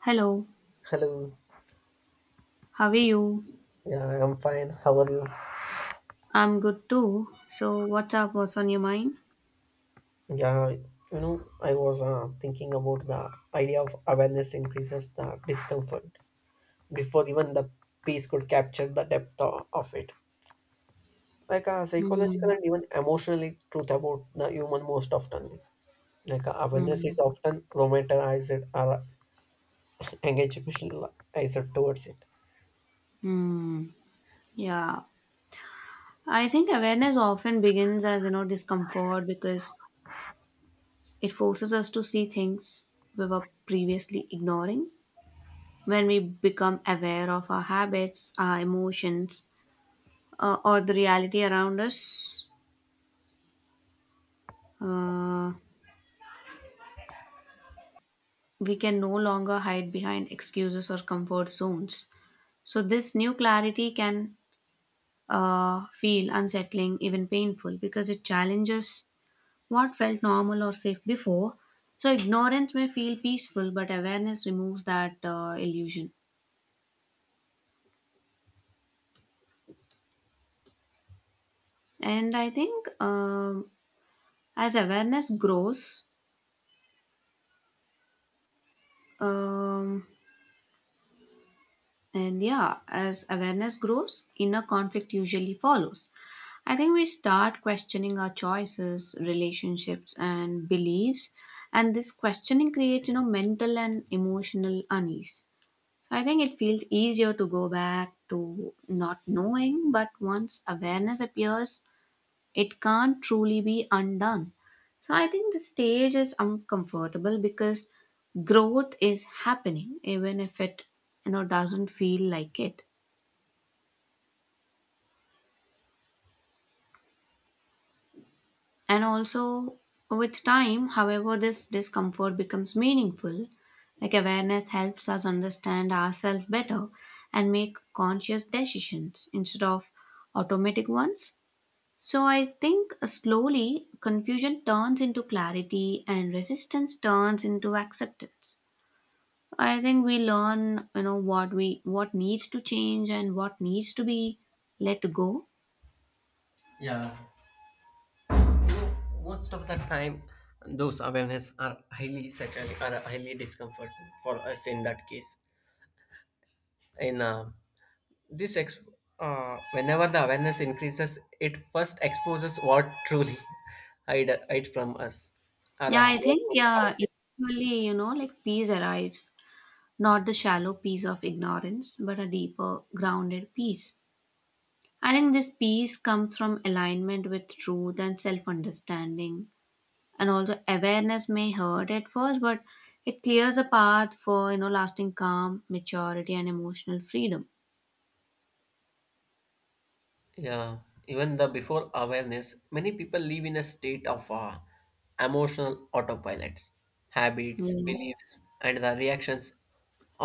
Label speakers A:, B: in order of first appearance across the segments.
A: Hello,
B: Hello.
A: how are you?
B: Yeah, I'm fine. How are you?
A: I'm good too. So, what's up? What's on your mind?
B: Yeah, you know, I was thinking about the idea of awareness increases the discomfort before even the piece could capture the depth of it. Like a
A: Hmm.
B: psychological and even emotionally truth about the human most often. Like awareness
A: Hmm.
B: is often romanticized or engaged towards it.
A: Hmm. Yeah. I think awareness often begins as, you know, discomfort because it forces us to see things we were previously ignoring. When we become aware of our habits, our emotions, or the reality around us, uh, we can no longer hide behind excuses or comfort zones. So, this new clarity can feel unsettling, even painful, because it challenges what felt normal or safe before. So, ignorance may feel peaceful, but awareness removes that illusion. And I think as awareness grows, um, and yeah, as awareness grows, inner conflict usually follows. I think we start questioning our choices, relationships, and beliefs, and this questioning creates, you know, mental and emotional unease. So I think it feels easier to go back to not knowing, but once awareness appears, it can't truly be undone. So I think the stage is uncomfortable because growth is happening, even if it doesn't feel like it. And also with time, however, this discomfort becomes meaningful. Like awareness helps us understand ourselves better and make conscious decisions instead of automatic ones. So I think slowly confusion turns into clarity and resistance turns into acceptance. I think we learn, you know, what we what needs to change and what needs to be let go.
B: Yeah, you know, most of the time, those awareness are highly certainly are highly discomfort for us in that case. In this ex- whenever the awareness increases it first exposes what truly hide from us or
A: Yeah, I
B: what
A: think
B: truly our
A: yeah,
B: way.
A: eventually, you know, like peace arrives, not the shallow peace of ignorance, but a deeper, grounded peace. I think this peace comes from alignment with truth and self-understanding, and also awareness may hurt at first, but it clears a path for, you know, lasting calm, maturity, and emotional freedom.
B: Yeah, even the before awareness many people live in a state of emotional autopilot habits
A: Yeah,
B: beliefs and the reactions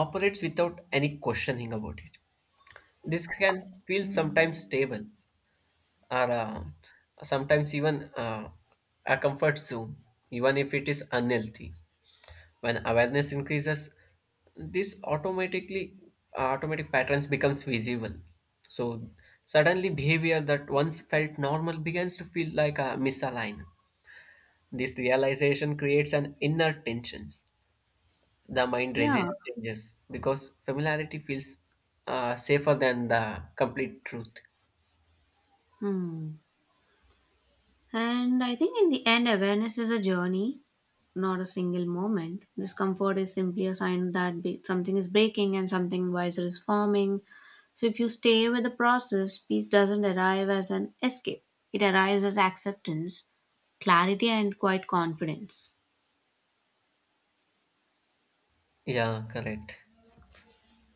B: operates without any questioning about it. This can feel sometimes stable or sometimes even a comfort zone, even if it is unhealthy. When awareness increases, this automatic patterns becomes visible. So suddenly behavior that once felt normal begins to feel like a misaligned. This realization creates an inner tensions. The mind
A: yeah.
B: resists changes because familiarity feels safer than the complete truth.
A: Hmm. And I think in the end, awareness is a journey, not a single moment. Discomfort is simply a sign that something is breaking and something wiser is forming. So if you stay with the process, peace doesn't arrive as an escape. It arrives as acceptance, clarity, and quite confidence.
B: Yeah, correct.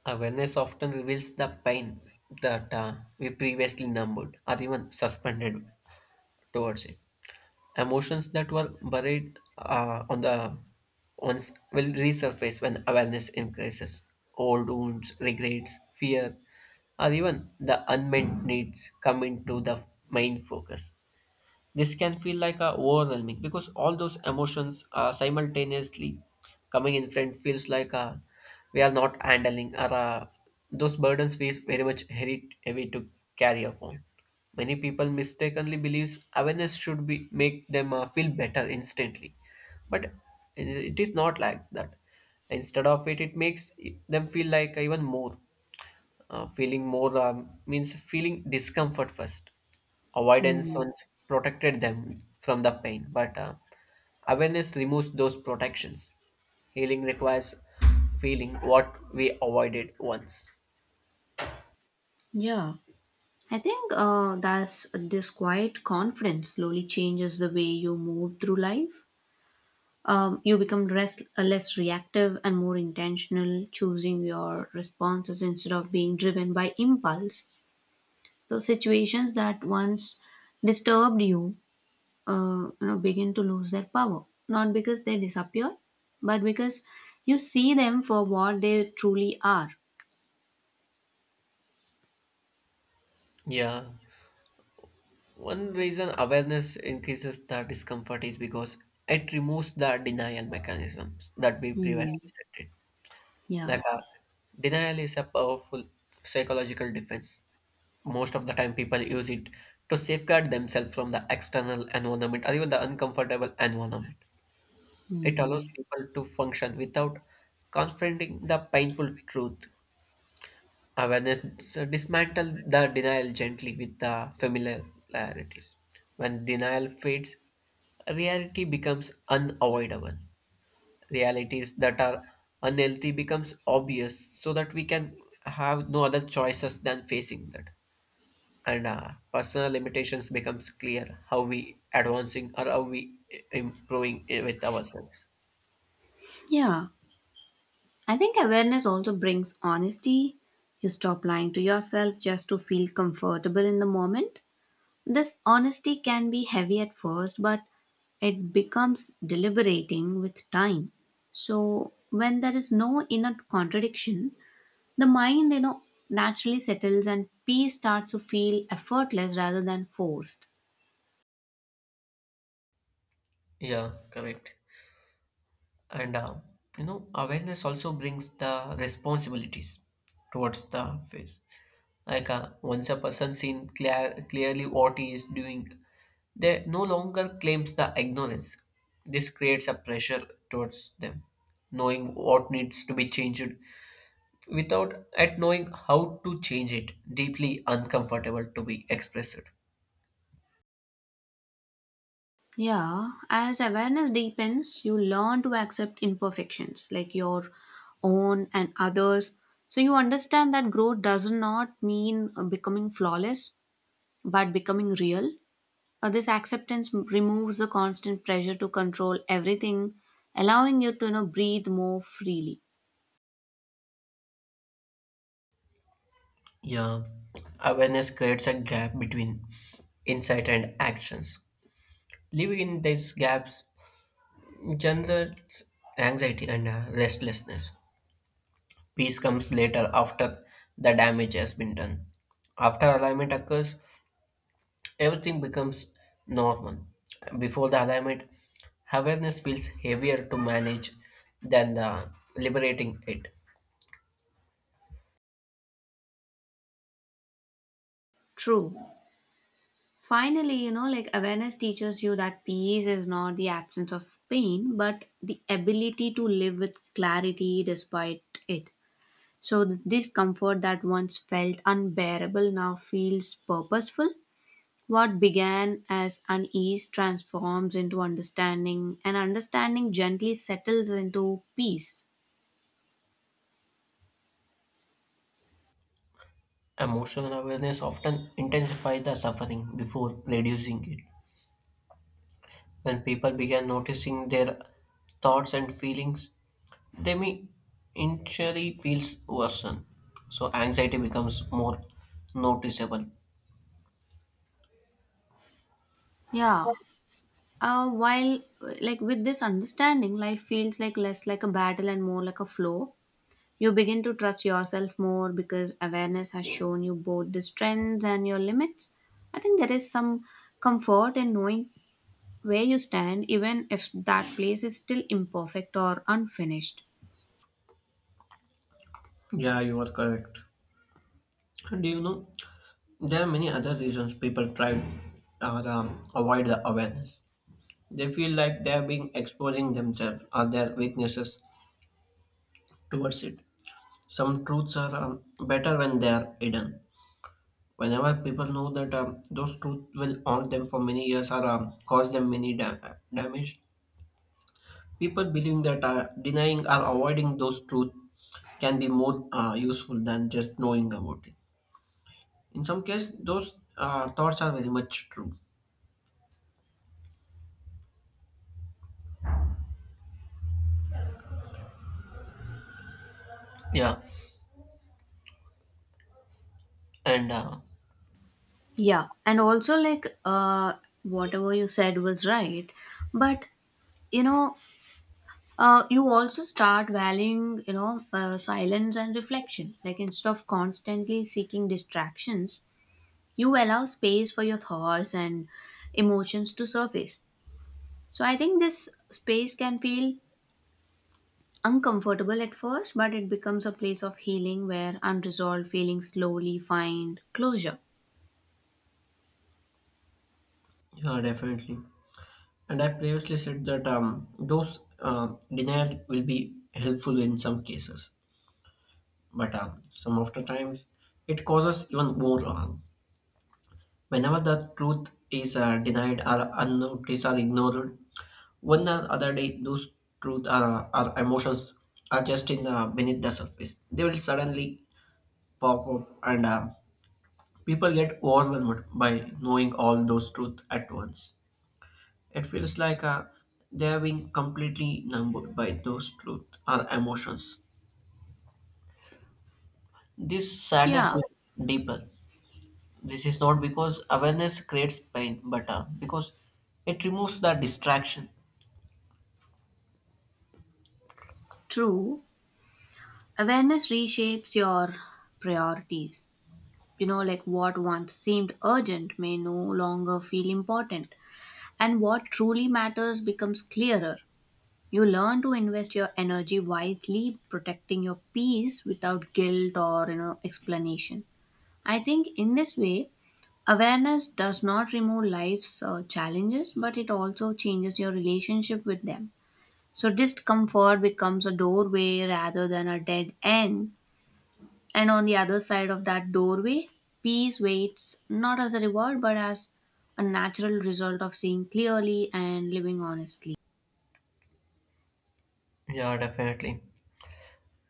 B: Awareness often reveals the pain that we previously numbed or even suspended towards it. Emotions that were buried on the once will resurface when awareness increases. Old wounds, regrets, fear, or even the unmet needs come into the main focus. This can feel like a overwhelming because all those emotions are simultaneously coming in front feels like we are not handling or those burdens feel very much heavy to carry upon. Many people mistakenly believes awareness should be make them feel better instantly, but it is not like that. Instead of it, it makes them feel like even more feeling more means feeling discomfort first. Avoidance
A: Hmm.
B: once protected them from the pain but awareness removes those protections. Healing requires feeling what we avoided once.
A: Yeah. I think that's this quiet confidence slowly changes the way you move through life. You become less reactive and more intentional, choosing your responses instead of being driven by impulse. So situations that once disturbed you, you know, begin to lose their power. Not because they disappear, but because you see them for what they truly are.
B: Yeah, one reason awareness increases the discomfort is because it removes the denial mechanisms that we
A: Hmm.
B: previously cited.
A: Yeah.
B: Like denial is a powerful psychological defense. Most of the time people use it to safeguard themselves from the external environment or even the uncomfortable environment. It
A: Hmm.
B: allows people to function without confronting the painful truth. Awareness dismantle the denial gently with the familiarities. When denial fades, reality becomes unavoidable. Realities that are unhealthy becomes obvious so that we can have no other choices than facing that, and personal limitations becomes clear how we advancing or how we improving with ourselves.
A: Yeah. I think awareness also brings honesty. You stop lying to yourself just to feel comfortable in the moment. This honesty can be heavy at first, but it becomes deliberating with time. So, when there is no inner contradiction, the mind, you know, naturally settles and peace starts to feel effortless rather than forced.
B: Yeah, correct. And you know awareness also brings the responsibilities towards the face. Like once a person seen clearly what he is doing, they no longer claims the ignorance. This creates a pressure towards them, knowing what needs to be changed without at knowing how to change it. Deeply uncomfortable to be expressed.
A: Yeah, as awareness deepens, you learn to accept imperfections like your own and others. So you understand that growth does not mean becoming flawless, but becoming real. This acceptance removes the constant pressure to control everything, allowing you to, you know, breathe more freely.
B: Yeah, awareness creates a gap between insight and actions. Living in these gaps generates anxiety and restlessness. Peace comes later after the damage has been done. After alignment occurs, everything becomes normal. Before the alignment, awareness feels heavier to manage than the liberating it.
A: True. Finally, you know, like awareness teaches you that peace is not the absence of pain, but the ability to live with clarity despite it. So the discomfort that once felt unbearable now feels purposeful. What began as unease transforms into understanding, and understanding gently settles into peace.
B: Emotional awareness often intensifies the suffering before reducing it. When people begin noticing their thoughts and feelings, they may initially feel worsened. So anxiety becomes more noticeable.
A: Yeah. While like with this understanding, life feels like less like a battle and more like a flow. You begin to trust yourself more because awareness has shown you both the strengths and your limits. I think there is some comfort in knowing where you stand, even if that place is still imperfect or unfinished.
B: Yeah, you are correct. And do you know there are many other reasons people try or avoid the awareness. They feel like they are being exposing themselves or their weaknesses towards it. Some truths are better when they are hidden. Whenever people know that those truth will haunt them for many years or cause them many damage, people believing that denying or avoiding those truth can be more useful than just knowing about it. In some case those thoughts are very much true. Yeah, and
A: Yeah, and also like whatever you said was right, but you know, you also start valuing, you know, silence and reflection. Like instead of constantly seeking distractions, you allow space for your thoughts and emotions to surface. So I think this space can feel uncomfortable at first, but it becomes a place of healing where unresolved feelings slowly find closure.
B: yeah, definitely. And I previously said that those uh, denial will be helpful in some cases, but some of the times it causes even more harm. Whenever the truth is denied or unnoticed or ignored, one or other day those truth or emotions are just in the beneath the surface. They will suddenly pop up, and people get overwhelmed by knowing all those truths at once. It feels like they have been completely numbed by those truths or emotions. This sadness
A: Yeah,
B: is deeper. This is not because awareness creates pain, but because it removes the distraction.
A: true. Awareness reshapes your priorities. You know, like what once seemed urgent may no longer feel important, and what truly matters becomes clearer. You learn to invest your energy wisely, protecting your peace without guilt or, you know, explanation. I think in this way, awareness does not remove life's challenges, but it also changes your relationship with them. So, discomfort becomes a doorway rather than a dead end. And on the other side of that doorway, peace waits, not as a reward, but as a natural result of seeing clearly and living honestly.
B: Yeah, definitely.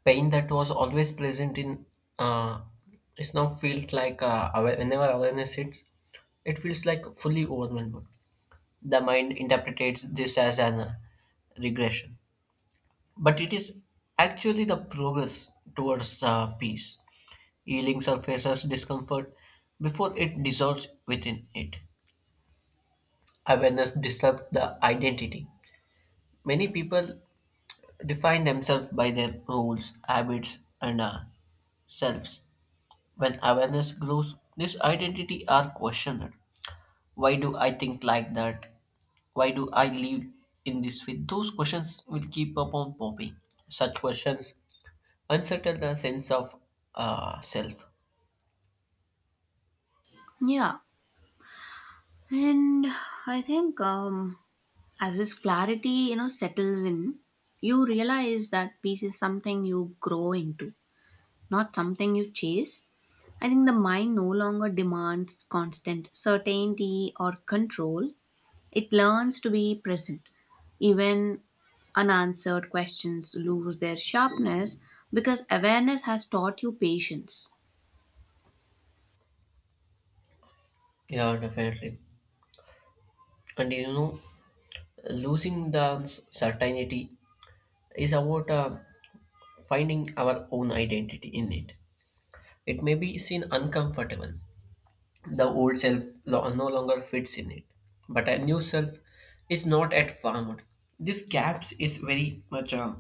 B: Pain that was always present in uh, is now felt like aware, whenever awareness hits, it feels like fully overwhelmed. The mind interprets this as an regression, but it is actually the progress towards peace. Healing surfaces discomfort before it dissolves within it. Awareness disturbs the identity. Many people define themselves by their roles, habits, and selves. When awareness grows, this identity are questioned. Why do I think like that? Why do I live in this way? Those questions will keep upon popping. Such questions unsettle the sense of self.
A: Yeah, and I think as this clarity, you know, settles in, you realize that peace is something you grow into, not something you chase. I think the mind no longer demands constant certainty or control. It learns to be present. Even unanswered questions lose their sharpness because awareness has taught you patience.
B: Yeah, definitely. And you know, losing the certainty is about finding our own identity in it. It may be seen uncomfortable. The old self no longer fits in it, but a new self is not yet formed. This gap is very much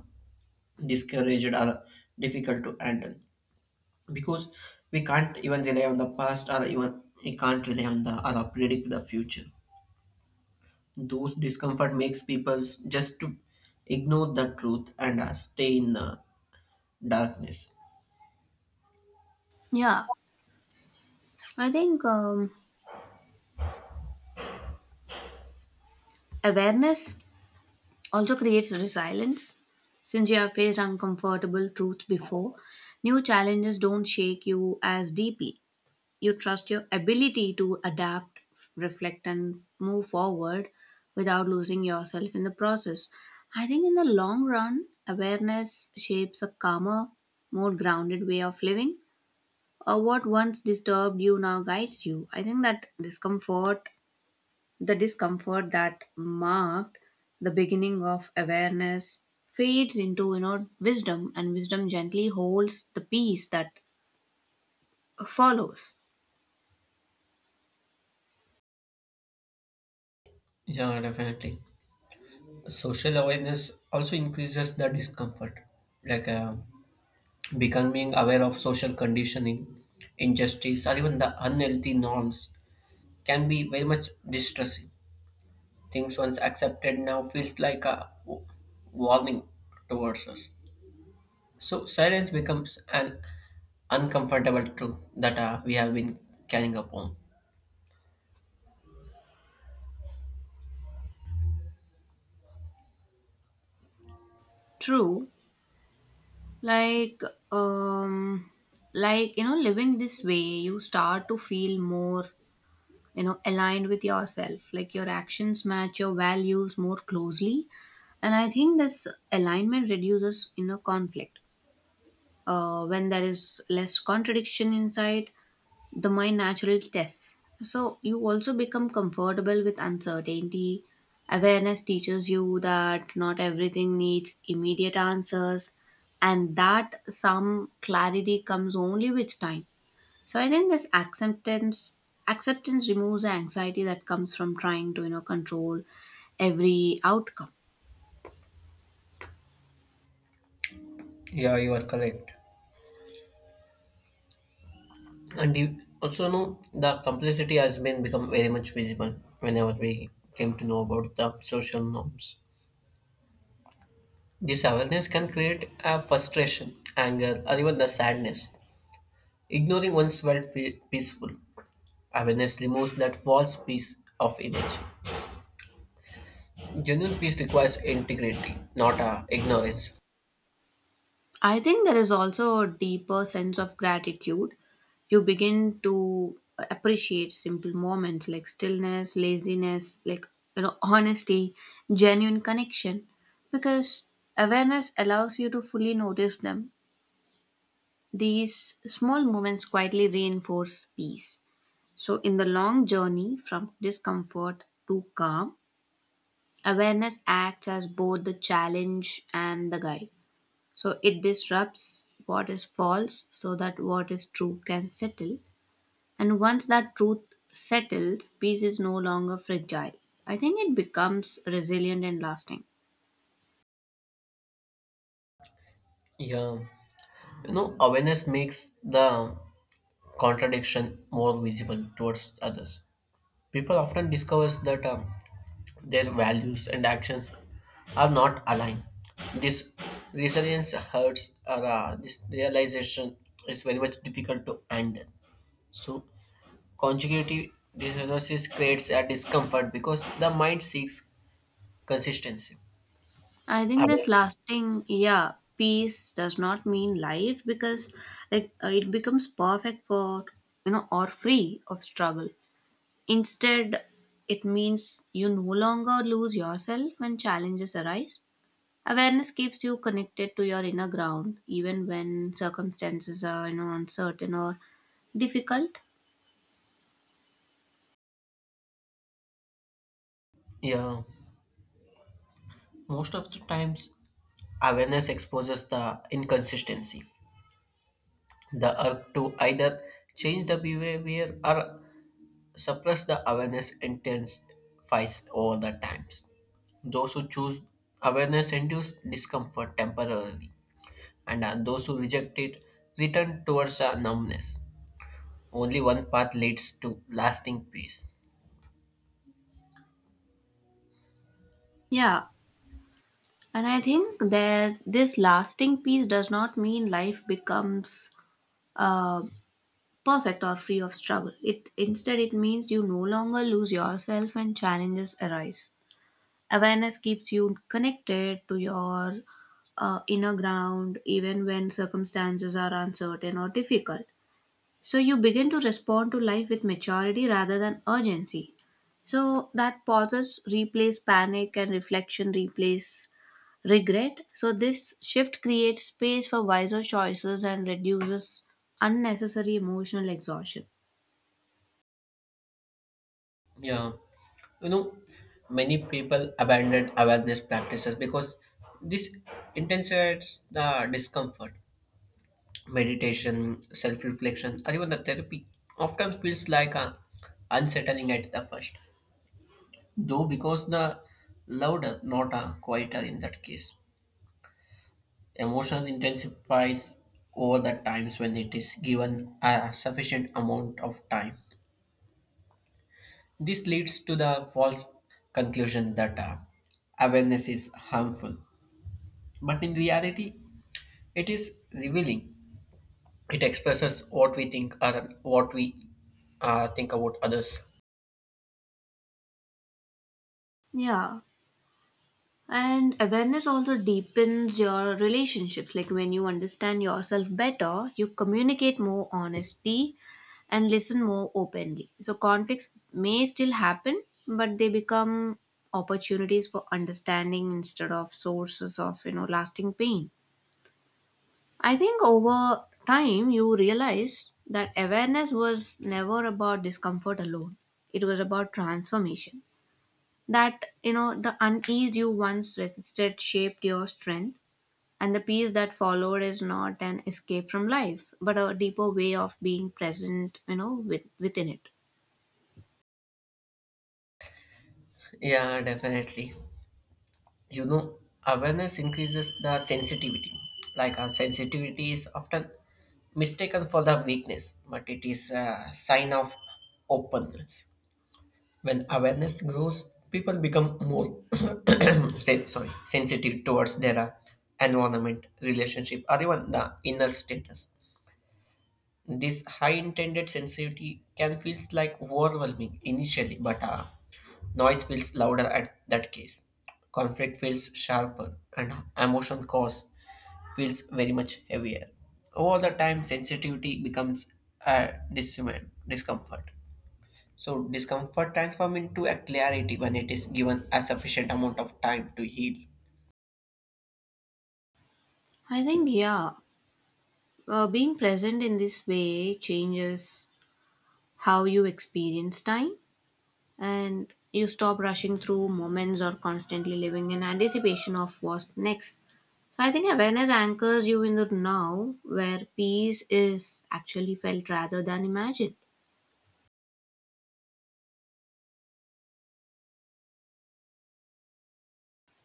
B: discouraged or difficult to handle, because we can't even rely on the past or even we can't rely on the or predict the future. Those discomfort makes people just to ignore the truth and stay in darkness.
A: Yeah, I think awareness also creates resilience. Since you have faced uncomfortable truths before, new challenges don't shake you as deeply. You trust your ability to adapt, reflect, and move forward without losing yourself in the process. I think in the long run, awareness shapes a calmer, more grounded way of living. Or what once disturbed you now guides you. I think that discomfort, the discomfort that marked the beginning of awareness, fades into, you know, wisdom, and wisdom gently holds the peace that follows.
B: Yeah, definitely. Social awareness also increases the discomfort. Like becoming aware of social conditioning, injustice, or even the unhealthy norms can be very much distressing. Things once accepted now feels like a warning towards us. So silence becomes an uncomfortable truth that we have been carrying upon.
A: True. Like um, like, you know, living this way, you start to feel more, you know, aligned with yourself, like your actions match your values more closely, and I think this alignment reduces, you know, conflict. Uh, when there is less contradiction inside, the mind natural tests. So you also become comfortable with uncertainty. Awareness teaches you that not everything needs immediate answers and that some clarity comes only with time. So I think this acceptance removes the anxiety that comes from trying to, you know, control every outcome.
B: Yeah, you are correct. And you also know the complexity has been become very much visible whenever we came to know about the social norms. This awareness can create a frustration, anger, or even the sadness. Ignoring one's felt peaceful. Awareness removes that false piece of image. Genuine peace requires integrity, not ignorance.
A: I think there is also a deeper sense of gratitude. You begin to appreciate simple moments like stillness, laziness, like, you know, honesty, genuine connection, because awareness allows you to fully notice them. These small moments quietly reinforce peace. So, in the long journey from discomfort to calm, awareness acts as both the challenge and the guide. So it disrupts what is false so that what is true can settle. And once that truth settles, peace is no longer fragile. I think it becomes resilient and lasting.
B: Yeah, you know, awareness makes the contradiction more visible towards others. People often discover that their values and actions are not aligned. This resilience hurts, or this realization is very much difficult to handle. So, consecutive dissonances creates a discomfort because the mind seeks consistency.
A: I think this
B: Aware-
A: lasting, yeah, peace does not mean life because like it becomes perfect for, you know, or free of struggle. Instead, it means you no longer lose yourself when challenges arise. Awareness keeps you connected to your inner ground, even when circumstances are, you know, uncertain or difficult.
B: Yeah, most of the times, awareness exposes the inconsistency, the urge to either change the behavior or suppress the awareness intensifies over the times. Those who choose awareness induce discomfort temporarily, and those who reject it return towards a numbness. Only one path leads to lasting peace.
A: Yeah, and I think that this lasting peace does not mean life becomes uh, perfect or free of struggle. It instead it means you no longer lose yourself when challenges arise. Awareness keeps you connected to your inner ground even when circumstances are uncertain or difficult. So you begin to respond to life with maturity rather than urgency. So that pauses replace panic and reflection replace regret. So this shift creates space for wiser choices and reduces unnecessary emotional exhaustion.
B: Yeah, you know, many people abandon awareness practices because this intensifies the discomfort. Meditation, self reflection, or even the therapy often feels like a unsettling at the first. Though because the louder, not a quieter in that case. Emotion intensifies over the times when it is given a sufficient amount of time. This leads to the false conclusion that awareness is harmful. But in reality, it is revealing. It expresses what we think or what we think about others.
A: Yeah, and awareness also deepens your relationships. Like when you understand yourself better, you communicate more honesty and listen more openly. So conflicts may still happen, but they become opportunities for understanding instead of sources of, you know, lasting pain. I think over time you realize that awareness was never about discomfort alone. It was about transformation, that, you know, the unease you once resisted shaped your strength, and the peace that followed is not an escape from life but a deeper way of being present, you know, with, within it.
B: Yeah, definitely. You know awareness increases the sensitivity. Like our sensitivity is often mistaken for the weakness but it is a sign of openness. When awareness grows people become more say, sorry sensitive towards their environment relationship or even the inner status. This high intended sensitivity can feels like overwhelming initially, but noise feels louder at that case. Conflict feels sharper, and emotion cause feels very much heavier. Over the time, sensitivity becomes a discomfort. So discomfort transforms into a clarity when it is given a sufficient amount of time to heal.
A: I think yeah, being present in this way changes how you experience time, and you stop rushing through moments or constantly living in anticipation of what's next. So I think awareness anchors you in the now where peace is actually felt rather than imagined.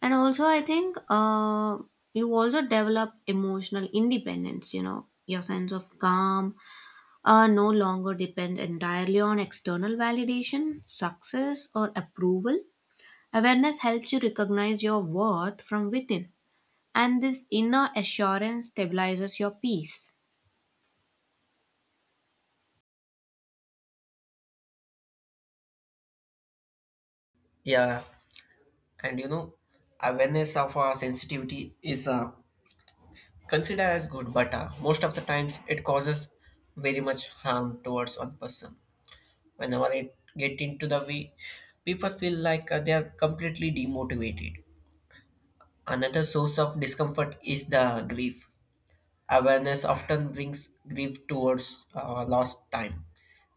A: And also, I think you also develop emotional independence, you know, your sense of calm no longer depends entirely on external validation, success, or approval. Awareness helps you recognize your worth from within, and this inner assurance stabilizes your peace.
B: Yeah, and you know, awareness of our sensitivity is considered as good, but most of the times it causes very much harm towards one person. Whenever it get into the way, people feel like they are completely demotivated. Another source of discomfort is the grief. Awareness often brings grief towards lost time,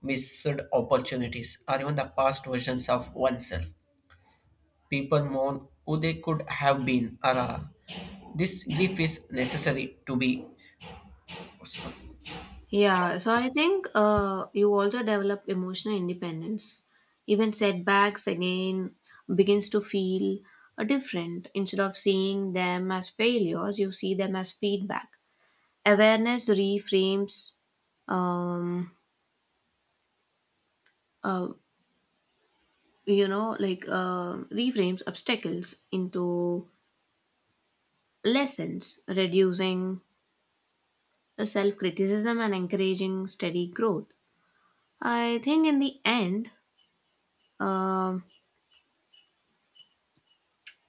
B: missed opportunities, or even the past versions of oneself. People mourn who they could have been, or this grief is necessary to be.
A: Yeah, so I think you also develop emotional independence. Even setbacks again begins to feel different. Instead of seeing them as failures, you see them as feedback. Awareness um, uh, you know, like reframes obstacles into lessons, reducing self criticism and encouraging steady growth. I think in the end, um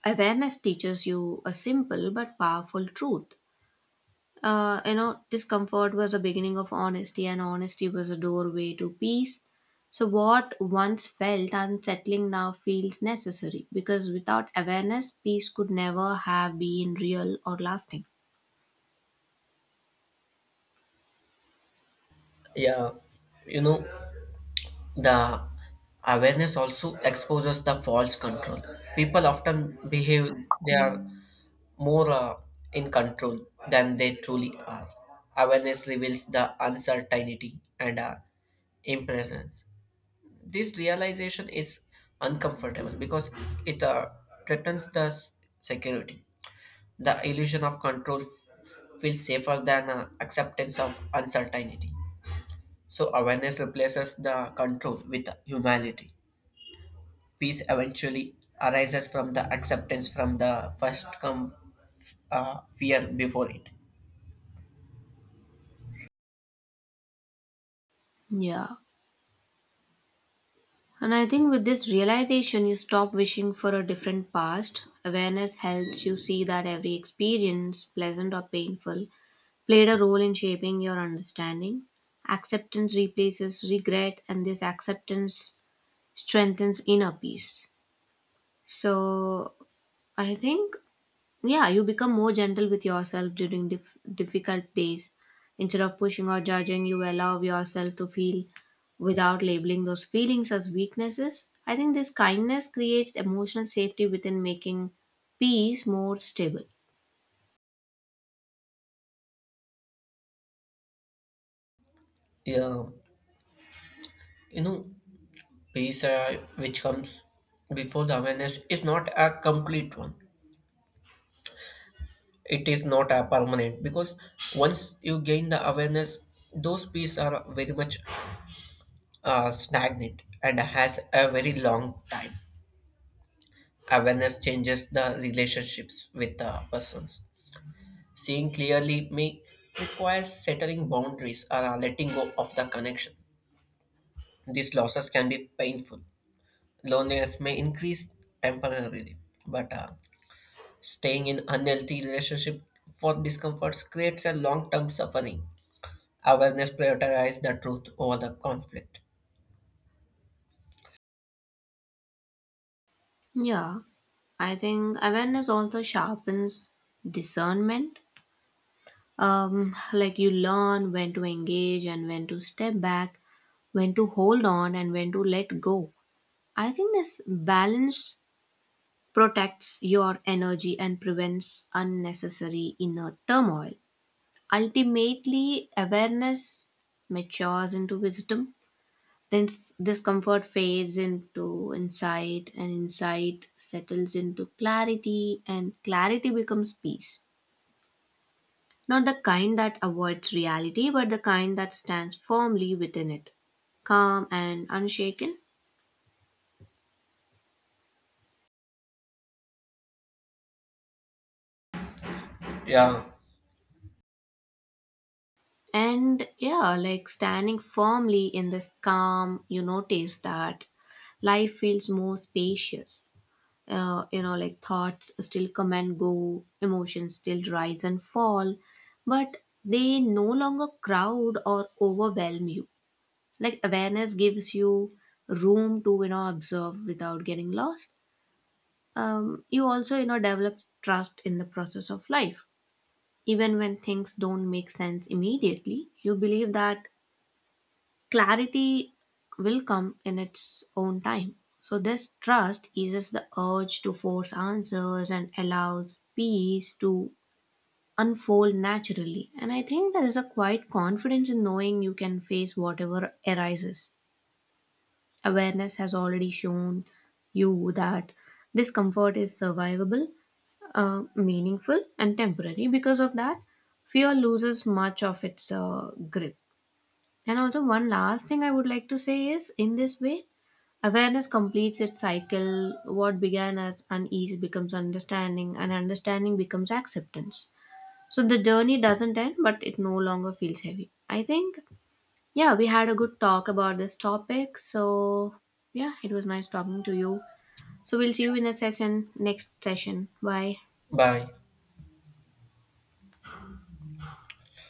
A: awareness teaches you a simple but powerful truth. You know, discomfort was a beginning of honesty, and honesty was a doorway to peace. So, what once felt unsettling now feels necessary because without awareness, peace could never have been real or lasting.
B: Yeah, you know, the awareness also exposes the false control. People often behave they are more in control than they truly are. Awareness reveals the uncertainty and impressions. This realization is uncomfortable because it threatens the security. The illusion of control feels safer than acceptance of uncertainty. So awareness replaces the control with humanity. Peace eventually arises from the acceptance from the first come fear before it.
A: Yeah. And I think with this realization, you stop wishing for a different past. Awareness helps you see that every experience, pleasant or painful, played a role in shaping your understanding. Acceptance replaces regret, and this acceptance strengthens inner peace. So, I think, yeah, you become more gentle with yourself during difficult days. Instead of pushing or judging, you allow yourself to feel without labeling those feelings as weaknesses. I think this kindness creates emotional safety within, making peace more stable.
B: Yeah, you know, peace which comes before the awareness is not a complete one. It is not a permanent because once you gain the awareness, those peace are very much stagnant and has a very long time. Awareness changes the relationships with the persons. Seeing clearly may require settling boundaries or letting go of the connection. These losses can be painful. Loneliness may increase temporarily, but staying in unhealthy relationship for discomforts creates a long-term suffering. Awareness prioritizes the truth over the conflict.
A: Yeah, I think awareness also sharpens discernment. Um, like you learn when to engage and when to step back, when to hold on and when to let go. I think this balance protects your energy and prevents unnecessary inner turmoil. Ultimately, awareness matures into wisdom. Then discomfort fades into insight, and insight settles into clarity, and clarity becomes peace. Not the kind that avoids reality, but the kind that stands firmly within it, calm and unshaken.
B: Yeah,
A: And yeah, like standing firmly in this calm, you notice that life feels more spacious. You know, like thoughts still come and go, emotions still rise and fall, but they no longer crowd or overwhelm you. Like awareness gives you room to, you know, observe without getting lost. Um, you also, you know, develop trust in the process of life even when things don't make sense immediately. You believe that clarity will come in its own time, so this trust eases the urge to force answers and allows peace to unfold naturally. And I think there is a quiet confidence in knowing you can face whatever arises. Awareness has already shown you that discomfort is survivable, meaningful, and temporary. Because of that, fear loses much of its grip. And also, one last thing I would like to say is, in this way, awareness completes its cycle. What began as unease becomes understanding, and understanding becomes acceptance. So the journey doesn't end, but it no longer feels heavy. I think, yeah, we had a good talk about this topic. So, yeah, it was nice talking to you. So, we'll see you in the session, next session. Bye.
B: bye.